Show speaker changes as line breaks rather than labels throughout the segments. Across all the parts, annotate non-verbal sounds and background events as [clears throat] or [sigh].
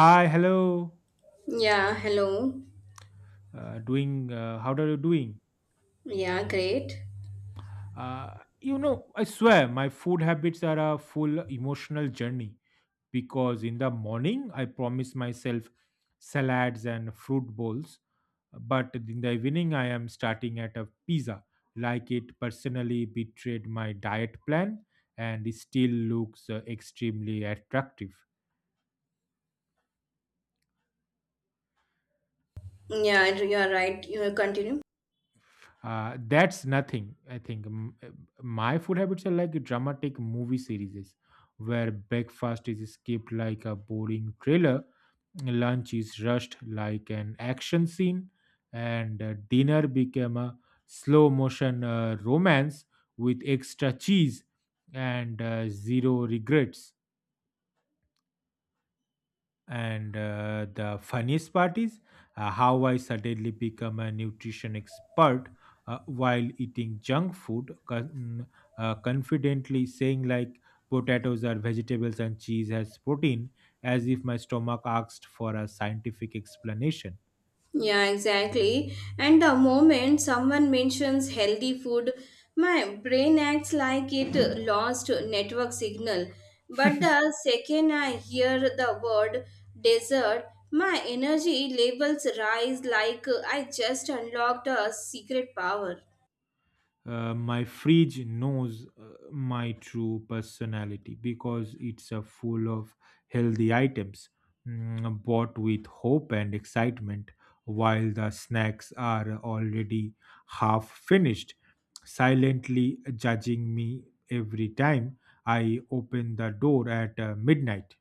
Hi, hello.
Yeah, hello.
How are you doing?
Yeah, great.
Uh, I swear my food habits are a full emotional journey because in the morning I promise myself salads and fruit bowls, but in the evening I am starting at a pizza, like it personally betrayed my diet plan and it still looks extremely attractive.
Yeah, you're right. You continue.
That's nothing, I think. My food habits are like dramatic movie series where breakfast is skipped like a boring trailer, lunch is rushed like an action scene, and dinner became a slow motion romance with extra cheese and zero regrets. And the funniest part is how I suddenly become a nutrition expert while eating junk food, confidently saying like potatoes are vegetables and cheese has protein, as if my stomach asked for a scientific explanation.
Yeah, exactly. And the moment someone mentions healthy food, my brain acts like it lost network signal. But the second I hear the word dessert, my energy levels rise like I just unlocked a secret power.
My fridge knows my true personality because it's full of healthy items bought with hope and excitement, while the snacks are already half finished, silently judging me every time I open the door at midnight.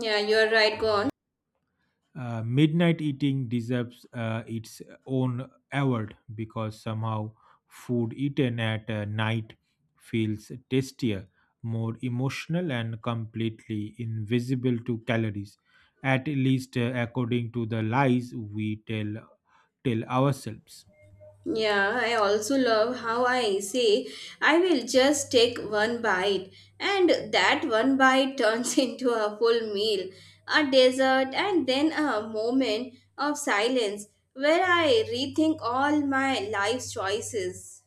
Yeah, you're right. Go on.
Midnight eating deserves its own award because somehow food eaten at night feels tastier, more emotional, and completely invisible to calories, at least according to the lies we tell ourselves.
Yeah, I also love how I say, I will just take one bite, and that one bite turns [laughs] into a full meal, a dessert, and then a moment of silence where I rethink all my life's choices.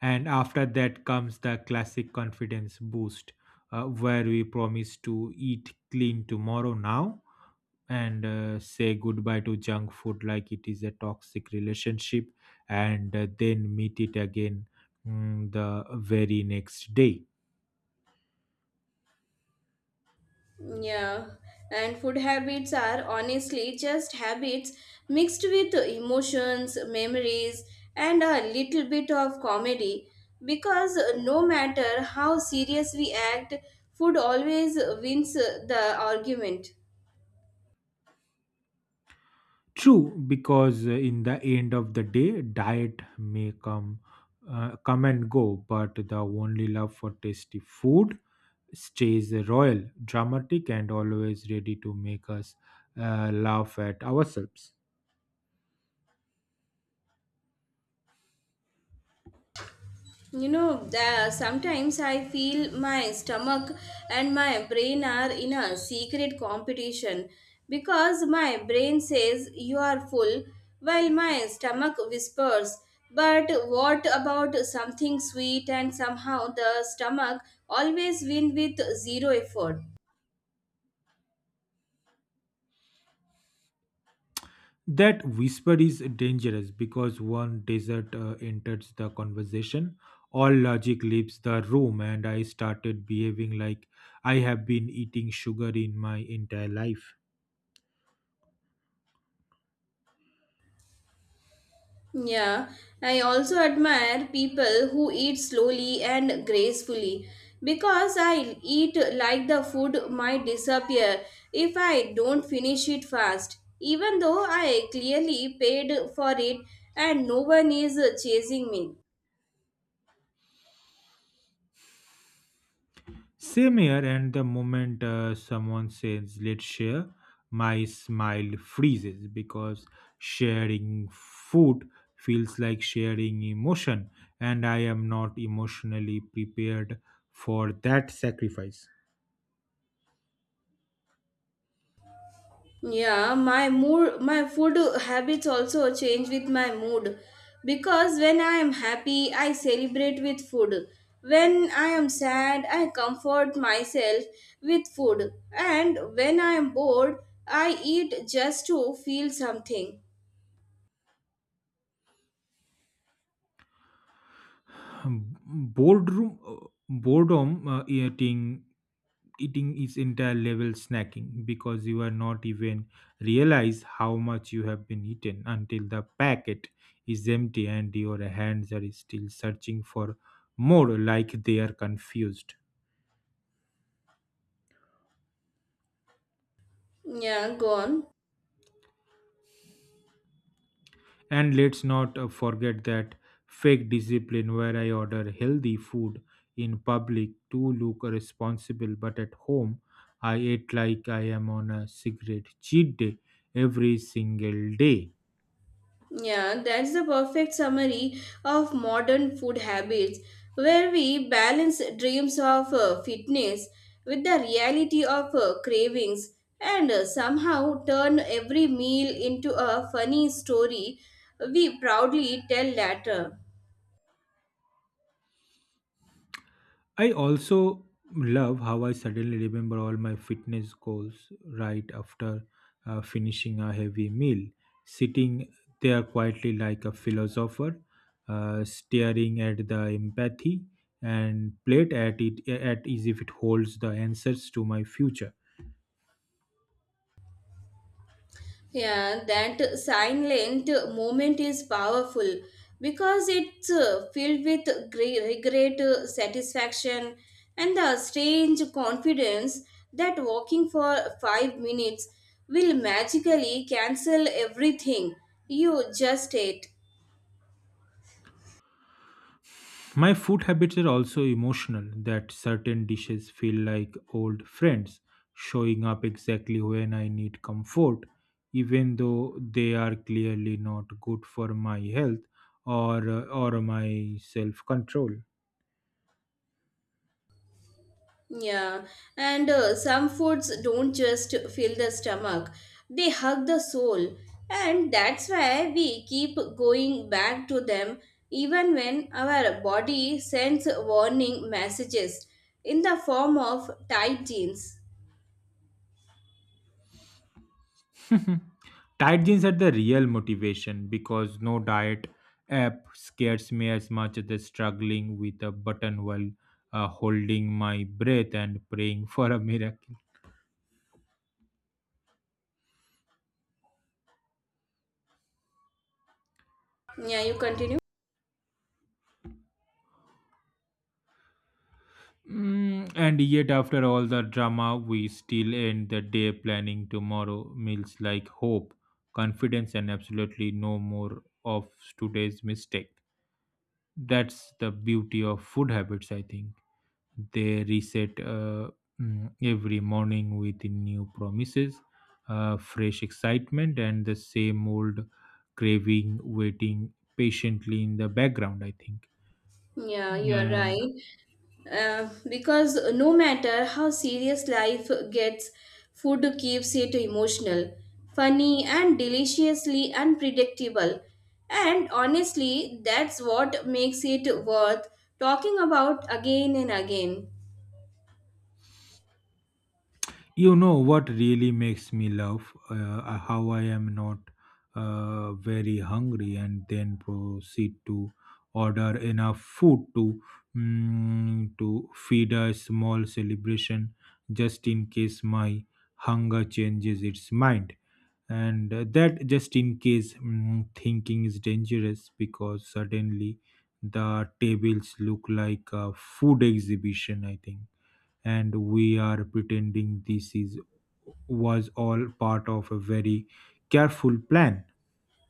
And after that comes the classic confidence boost, where we promise to eat clean tomorrow now and say goodbye to junk food like it is a toxic relationship, and then meet it again the very next day.
Yeah, and food habits are honestly just habits mixed with emotions, memories, and a little bit of comedy because no matter how serious we act, food always wins the argument.
True, because in the end of the day diet may come and go, but the only love for tasty food stays royal, dramatic, and always ready to make us laugh at ourselves.
You know, sometimes I feel my stomach and my brain are in a secret competition because my brain says you are full while my stomach whispers, but what about something sweet, and somehow the stomach always wins with zero effort.
That whisper is dangerous because one desert enters the conversation, all logic leaves the room, and I started behaving like I have been eating sugar in my entire life.
Yeah, I also admire people who eat slowly and gracefully because I eat like the food might disappear if I don't finish it fast, even though I clearly paid for it and no one is chasing me.
Same here, and the moment someone says, "Let's share," my smile freezes because sharing food feels like sharing emotion, and I am not emotionally prepared for that sacrifice.
Yeah, my food habits also change with my mood because when I am happy, I celebrate with food. When I am sad, I comfort myself with food. And when I am bored, I eat just to feel something.
Um, boardroom boredom eating eating is entire level snacking because you are not even realize how much you have been eaten until the packet is empty and your hands are still searching for more like they are confused.
Yeah, go on.
And let's not forget that fake discipline where I order healthy food in public to look responsible, but at home I ate like I am on a cigarette cheat day every single day.
Yeah, that's the perfect summary of modern food habits, where we balance dreams of fitness with the reality of cravings, and somehow turn every meal into a funny story we proudly tell later.
I also love how I suddenly remember all my fitness goals right after finishing a heavy meal, sitting there quietly like a philosopher, staring at the empathy and plate at it at as if it holds the answers to my future.
Yeah, that silent moment is powerful because it's filled with regret, satisfaction, and the strange confidence that walking for 5 minutes will magically cancel everything you just ate.
My food habits are also emotional, that certain dishes feel like old friends, showing up exactly when I need comfort, even though they are clearly not good for my health or my self control.
Yeah, and some foods don't just fill the stomach, they hug the soul. And that's why we keep going back to them even when our body sends warning messages in the form of tight jeans.
[laughs] Tight jeans are the real motivation because no diet app scares me as much as the struggling with a button while holding my breath and praying for a miracle.
Yeah, you continue?
And yet, after all the drama, we still end the day planning tomorrow meals like hope, confidence, and absolutely no more of today's mistake. That's the beauty of food habits, I think. They reset every morning with new promises, fresh excitement, and the same old craving waiting patiently in the background, I think.
Yeah, you are
And
right. Because no matter how serious life gets, food keeps it emotional, funny, and deliciously unpredictable. And honestly, that's what makes it worth talking about again and again.
you know what really makes me laugh, how I am not very hungry and then proceed to order enough food to feed a small celebration just in case my hunger changes its mind. And that just in case thinking is dangerous because suddenly the tables look like a food exhibition, I think, and we are pretending this is was all part of a very careful plan.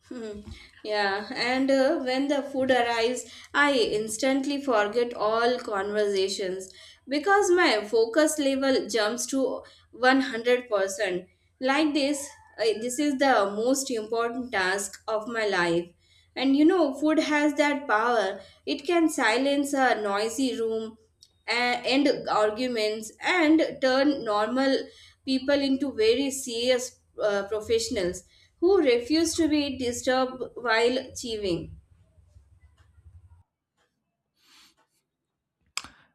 Hmm. Yeah, and when the food arrives, I instantly forget all conversations because my focus level jumps to 100%. Like this, this is the most important task of my life. And you know, food has that power. It can silence a noisy room, end arguments and turn normal people into very serious professionals who refuse to be disturbed while achieving.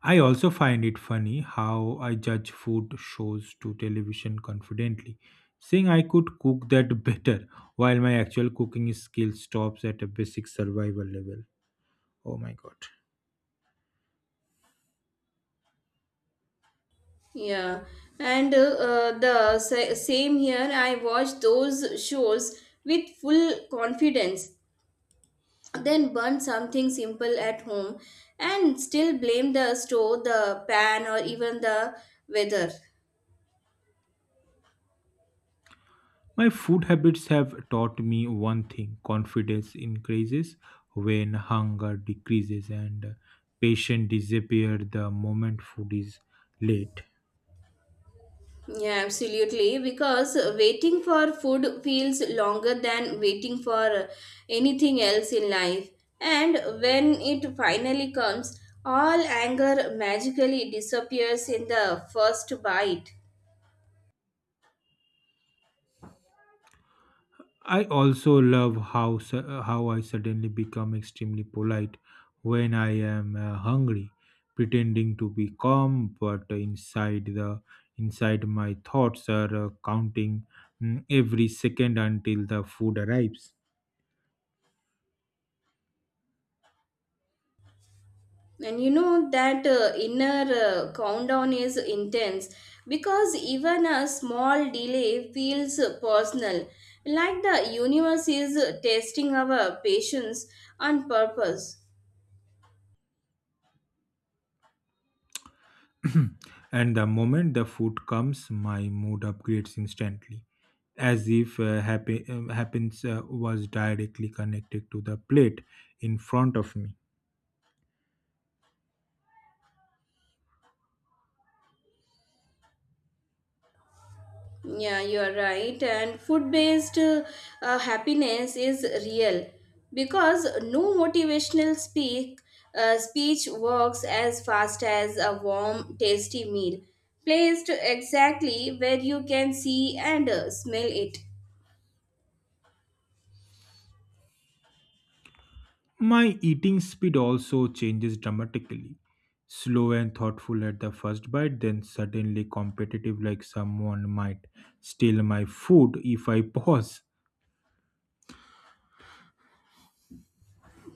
I also find it funny how I judge food shows to television confidently, saying I could cook that [laughs] better, while my actual cooking skill stops at a basic survival level. Oh my god.
Yeah, and same here, I watch those shows with full confidence, then burn something simple at home and still blame the store, the pan, or even the weather.
My food habits have taught me one thing: confidence increases when hunger decreases, and patience disappears the moment food is late.
Yeah, absolutely. Because waiting for food feels longer than waiting for anything else in life. And when it finally comes, all anger magically disappears in the first bite.
I also love how I suddenly become extremely polite when I am hungry, pretending to be calm, but inside my thoughts are counting every second until the food arrives.
And you know that inner countdown is intense because even a small delay feels personal, like the universe is testing our patience on purpose.
[clears throat] and the moment the food comes, my mood upgrades instantly, as if happens was directly connected to the plate in front of me.
Yeah, you are right. And food based, happiness is real because no motivational speak speech works as fast as a warm, tasty meal placed exactly where you can see and smell it.
My eating speed also changes dramatically. Slow and thoughtful at the first bite, then suddenly competitive, like someone might steal my food if I [laughs] pause.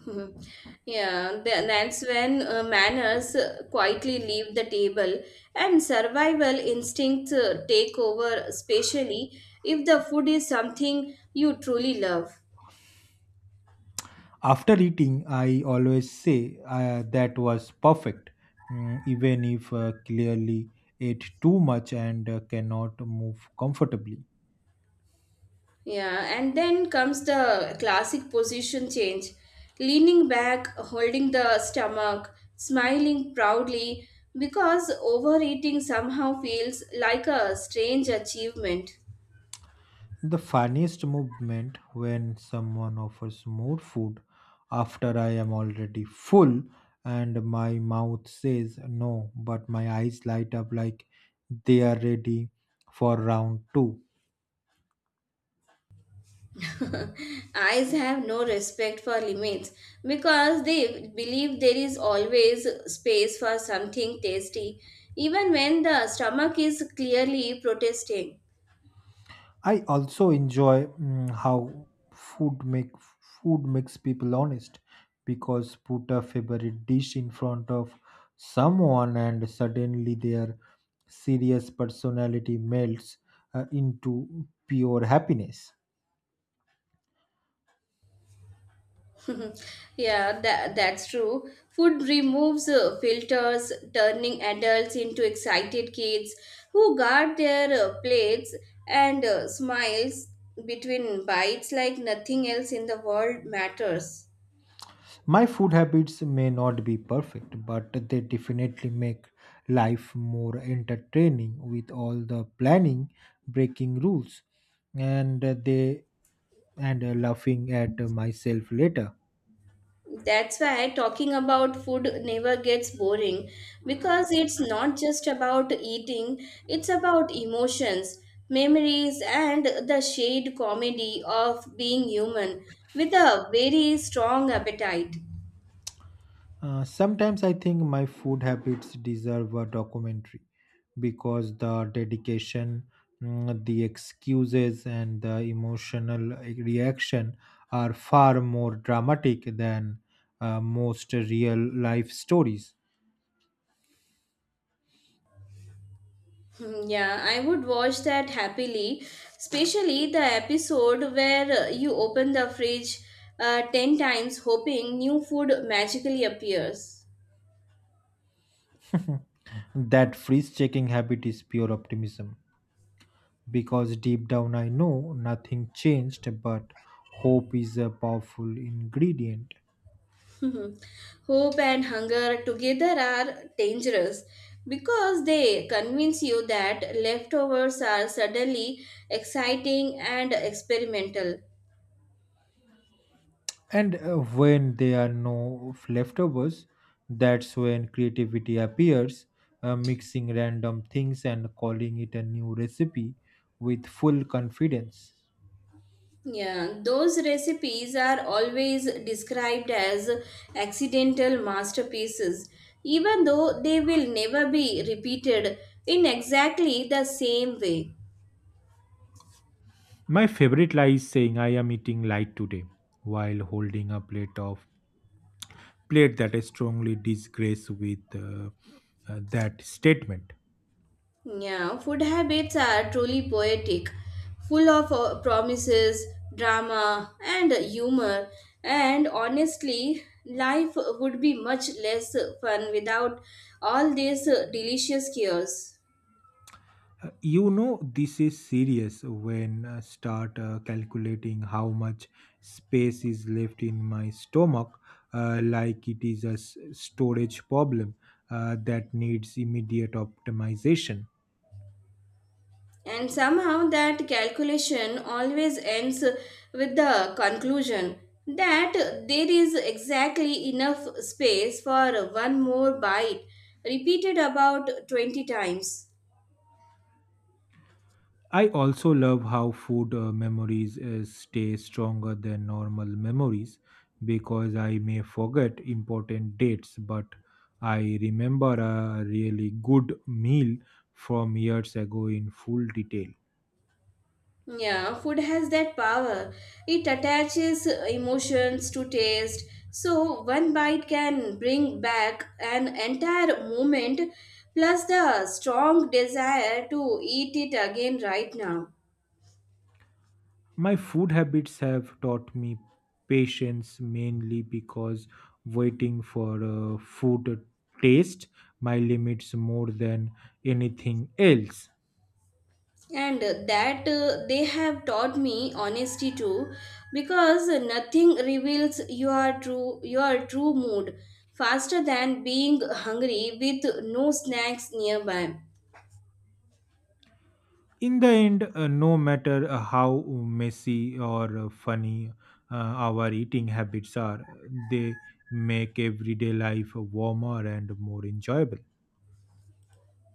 [laughs] Yeah, that's when manners quietly leave the table and survival instincts take over, especially if the food is something you truly love.
After eating, I always say that was perfect, even if clearly ate too much and cannot move comfortably.
Yeah, and then comes the classic position change: leaning back, holding the stomach, smiling proudly because overeating somehow feels like a strange achievement.
The funniest movement when someone offers more food after I am already full and my mouth says no, but my eyes light up like they are ready for round two.
[laughs] Eyes have no respect for limits because they believe there is always space for something tasty, even when the stomach is clearly protesting.
I also enjoy how food make food makes people honest because put a favorite dish in front of someone and suddenly their serious personality melts into pure happiness.
[laughs] Yeah, that's true. Food removes filters, turning adults into excited kids who guard their plates and smiles between bites like nothing else in the world matters.
My food habits may not be perfect, but they definitely make life more entertaining with all the planning, breaking rules, and uh, they and laughing at myself later.
That's why talking about food never gets boring, because it's not just about eating, it's about emotions, memories, and the shared comedy of being human with a very strong appetite.
Sometimes I think my food habits deserve a documentary because the dedication, the excuses, and the emotional reaction are far more dramatic than most real life stories.
Hmm. Yeah, I would watch that happily, especially the episode where you open the fridge 10 times hoping new food magically appears.
That freeze checking habit is pure optimism because deep down I know nothing changed, but hope is a powerful ingredient.
Mhm. Hope and hunger together are dangerous because they convince you that leftovers are suddenly exciting and experimental.
And when there are no leftovers, that's when creativity appears, mixing random things and calling it a new recipe with full confidence.
Yeah, those recipes are always described as accidental masterpieces, even though they will never be repeated in exactly the same way.
My favorite lie is saying I am eating light today while holding a plate that I strongly disgrace with that statement.
Yeah, food habits are truly poetic, full of promises, drama, and humor. And honestly, life would be much less fun without all these delicious cures.
You know this is serious when I start calculating how much space is left in my stomach, like it is a storage problem that needs immediate optimization.
And somehow, that calculation always ends with the conclusion that there is exactly enough space for one more bite, repeated about 20 times.
I also love how food memories stay stronger than normal memories because I may forget important dates, but I remember a really good meal from years ago in full detail.
Yeah, food has that power. It attaches emotions to taste. So one bite can bring back an entire moment plus the strong desire to eat it again right now.
My food habits have taught me patience, mainly because waiting for a food taste my limits more than anything else.
And that they have taught me honesty too because nothing reveals your true mood faster than being hungry with no snacks nearby.
In the end, no matter how messy or funny our eating habits are, they make everyday life warmer and more enjoyable.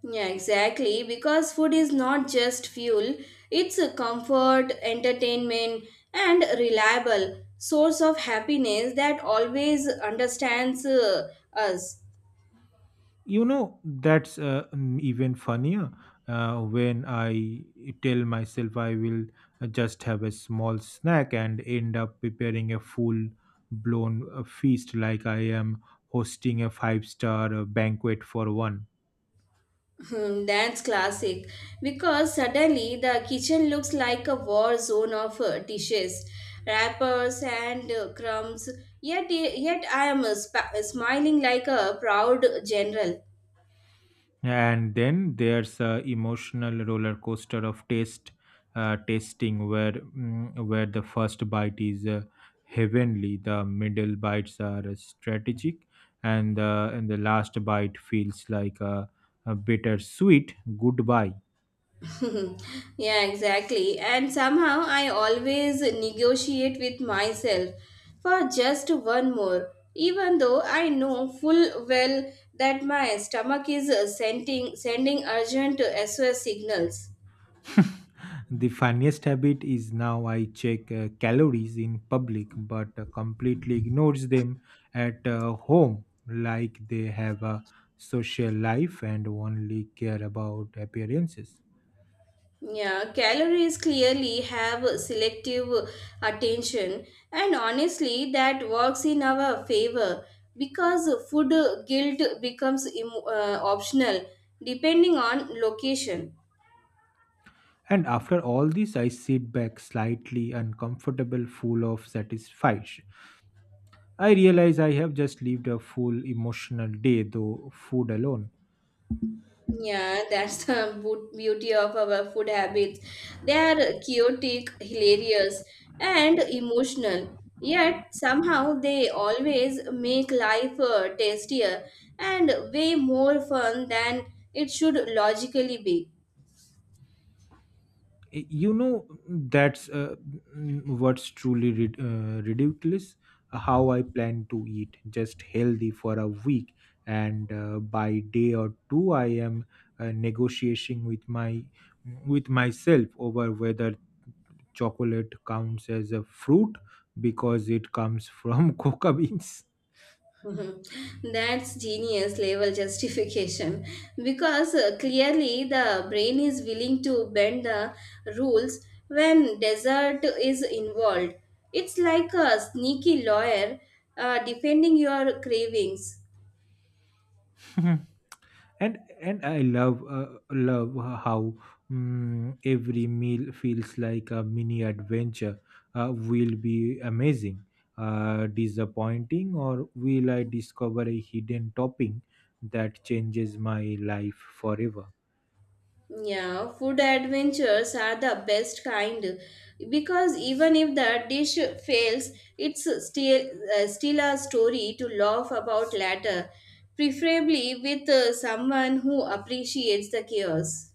Yeah, exactly. Because food is not just fuel, it's a comfort, entertainment, and reliable source of happiness that always understands us.
You know, that's even funnier when I tell myself I will just have a small snack and end up preparing a full blown feast like I am hosting a five-star banquet for one.
Hmm. That's classic. Because suddenly the kitchen looks like a war zone of dishes, wrappers, and crumbs. Yet I am smiling like a proud general.
And then there's a emotional roller coaster of taste tasting where where the first bite is heavenly, the middle bites are strategic, and the last bite feels like a bitter sweet goodbye.
[laughs] Yeah, exactly. And somehow I always negotiate with myself for just one more, even though I know full well that my stomach is sending urgent SOS signals.
The funniest habit is now I check calories in public but completely ignores them at home like they have a social life and only care about appearances.
Yeah, calories clearly have selective attention, and honestly, that works in our favor because food guilt becomes optional depending on location.
And after all this, I sit back slightly uncomfortable, full of satisfaction. I realize I have just lived a full emotional day, though food alone.
Yeah, that's the beauty of our food habits. They are chaotic, hilarious, and emotional. Yet somehow they always make life tastier and way more fun than it should logically be.
You know that's what's truly ridiculous, how I plan to eat just healthy for a week and by day or two I am negotiating with myself over whether chocolate counts as a fruit because it comes from [laughs] coca beans.
Mhm. That's genius level justification because clearly the brain is willing to bend the rules when desert is involved. It's like a sneaky lawyer defending your cravings.
[laughs] and I love how every meal feels like a mini adventure. Uh, will be amazing, disappointing, or will I discover a hidden topping that changes my life forever?
Yeah, food adventures are the best kind because even if the dish fails, it's still a story to laugh about later, preferably with someone who appreciates the chaos.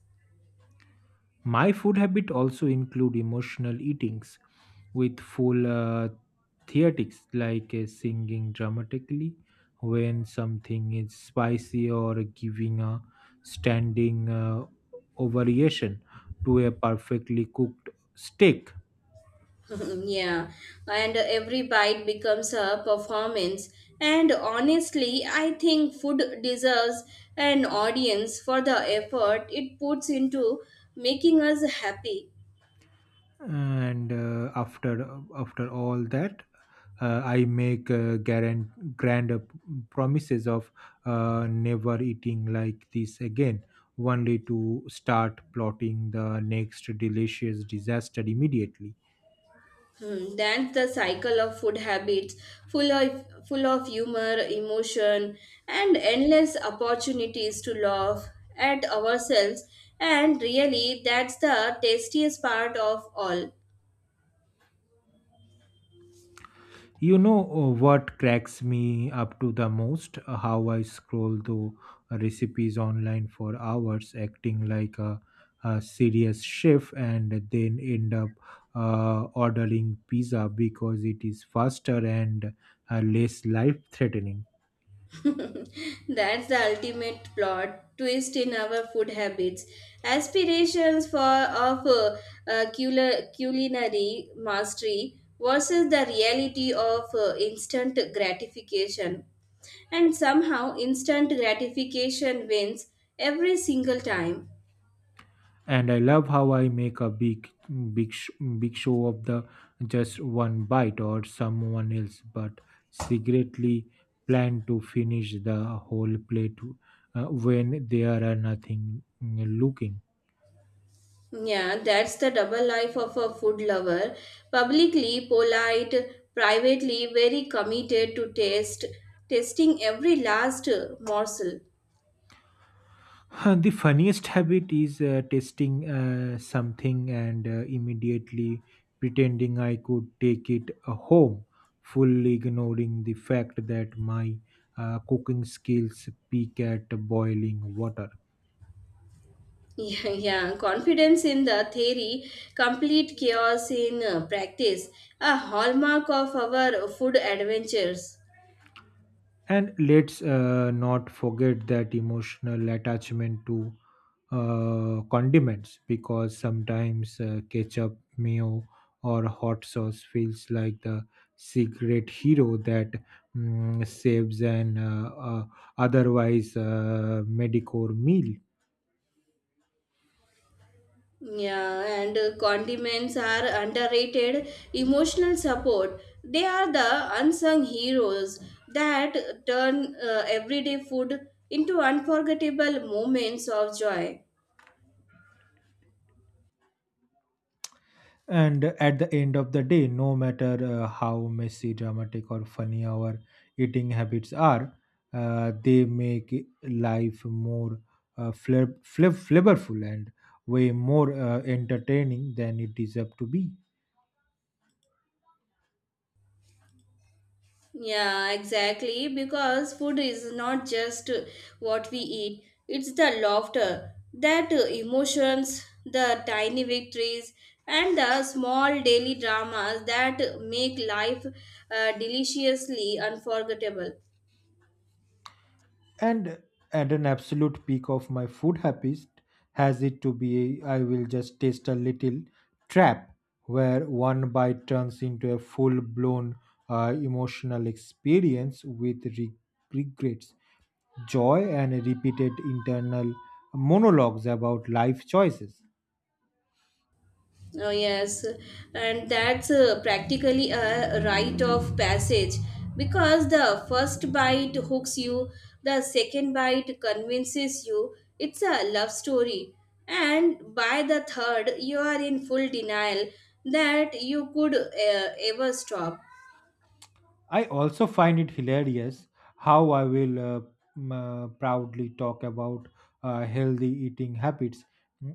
My food habit also include emotional eatings with full theatrics, like singing dramatically when something is spicy or giving a standing ovation to a perfectly cooked steak.
[laughs] Yeah, and every bite becomes a performance. And honestly, I think food deserves an audience for the effort it puts into making us happy.
And after all that, I make grand grand promises of never eating like this again, only to start plotting the next delicious disaster immediately.
Hmm. That's the cycle of food habits, full of humor, emotion, and endless opportunities to laugh at ourselves. And really, that's the tastiest part of all.
You know what cracks me up to the most? How I scroll through recipes online for hours, acting like a serious chef, and then end up ordering pizza because it is faster and less life threatening.
That's the ultimate plot twist in our food habits. Aspirations of uh, culinary mastery versus the reality of instant gratification. And somehow instant gratification wins every single time.
And I love how I make a big, sh- big show of the just one bite or someone else, but secretly plan to finish the whole plate when there are nothing looking.
Yeah, that's the double life of a food lover. Publicly polite, privately very committed to taste, tasting every last morsel.
Huh, the funniest habit is testing something and immediately pretending I could take it home, fully ignoring the fact that my cooking skills peak at boiling water.
Yeah, [laughs] yeah, confidence in the theory, complete chaos in practice, a hallmark of our food adventures.
And let's not forget that emotional attachment to condiments because sometimes ketchup, mayo, or hot sauce feels like the secret hero that saves an otherwise mediocre meal.
Yeah, and condiments are underrated emotional support. They are the unsung heroes that turn everyday food into unforgettable moments of joy.
And at the end of the day, no matter how messy, dramatic, or funny our eating habits are, they make life more flavorful and way more entertaining than it deserves to be.
Yeah, exactly. Because food is not just what we eat, it's the laughter, that emotions, the tiny victories, and the small daily dramas that make life deliciously unforgettable.
And at an absolute peak of my food habits has it to be I will just taste a little trap where one bite turns into a full blown emotional experience with regrets, joy, and repeated internal monologues about life choices.
Oh, yes, and that's practically a rite of passage because the first bite hooks you, the second bite convinces you it's a love story, and by the third, you are in full denial that you could ever stop.
I also find it hilarious how I will proudly talk about healthy eating habits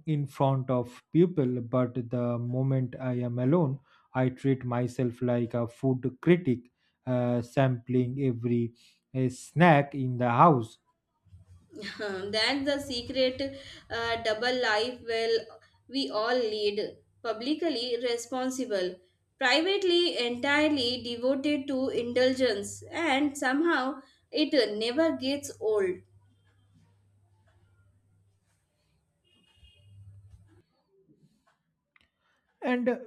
in front of people, but the moment I am alone, I treat myself like a food critic, sampling every snack in the house.
[laughs] That's the secret double life well we all lead, publicly responsible, privately entirely devoted to indulgence, and somehow it never gets old.
And uh,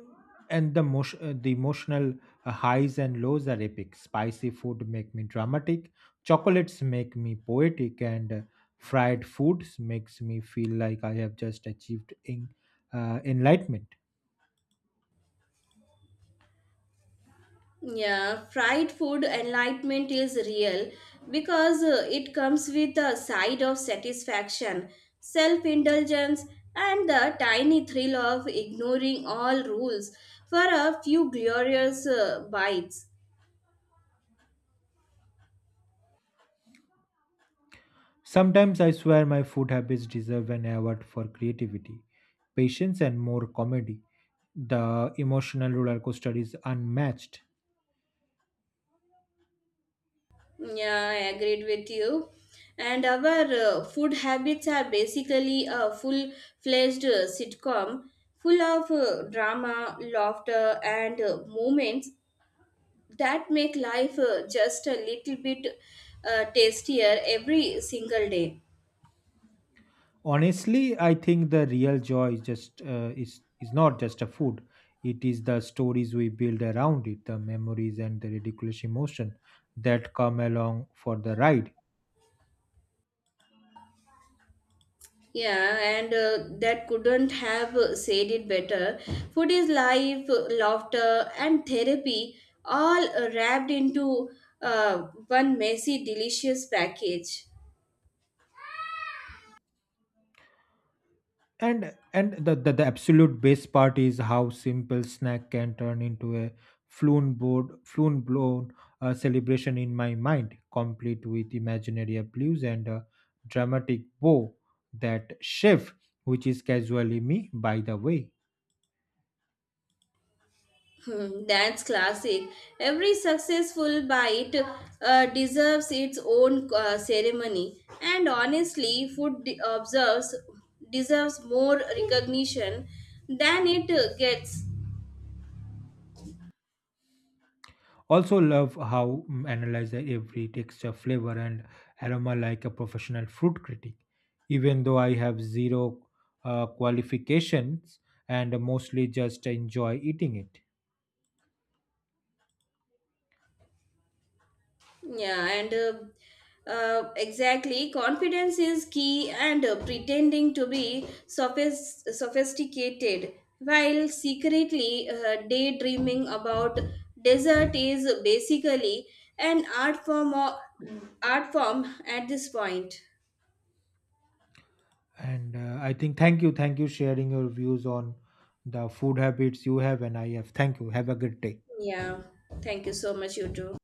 and the emotional highs and lows are epic. Spicy food make me dramatic, chocolates make me poetic, and fried foods makes me feel like I have just achieved enlightenment.
Yeah, fried food enlightenment is real because it comes with a side of satisfaction, self indulgence, and the tiny thrill of ignoring all rules for a few glorious bites.
Sometimes I swear my food habits deserve an award for creativity, patience, and more comedy. The emotional roller coaster is unmatched.
Yeah, I agreed with you. And our food habits are basically a full fledged sitcom full of drama, laughter, and moments that make life just a little bit tastier every single day.
Honestly, I think the real joy is just is not just a food, it is the stories we build around it, the memories, and the ridiculous emotion that come along for the ride.
Yeah, and that couldn't have said it better. Food is life, laughter, and therapy all wrapped into uh, one messy, delicious package.
And the absolute best part is how simple snack can turn into a floon blown celebration in my mind, complete with imaginary blues and a dramatic bow. That chef, which is casually me by the way.
Hmm. That's classic. Every successful bite deserves its own ceremony, and honestly, food de- observes deserves more recognition than it gets.
Also love how analyze the every texture, flavor and aroma like a professional fruit critic. Even though I have zero qualifications and mostly just enjoy eating it.
Yeah, and exactly, confidence is key, and pretending to be sophisticated while secretly daydreaming about desert is basically an art form or art form at this point.
And I think thank you sharing your views on the food habits you have and I have. Thank you. Have a good day.
Yeah, thank you so much, you too.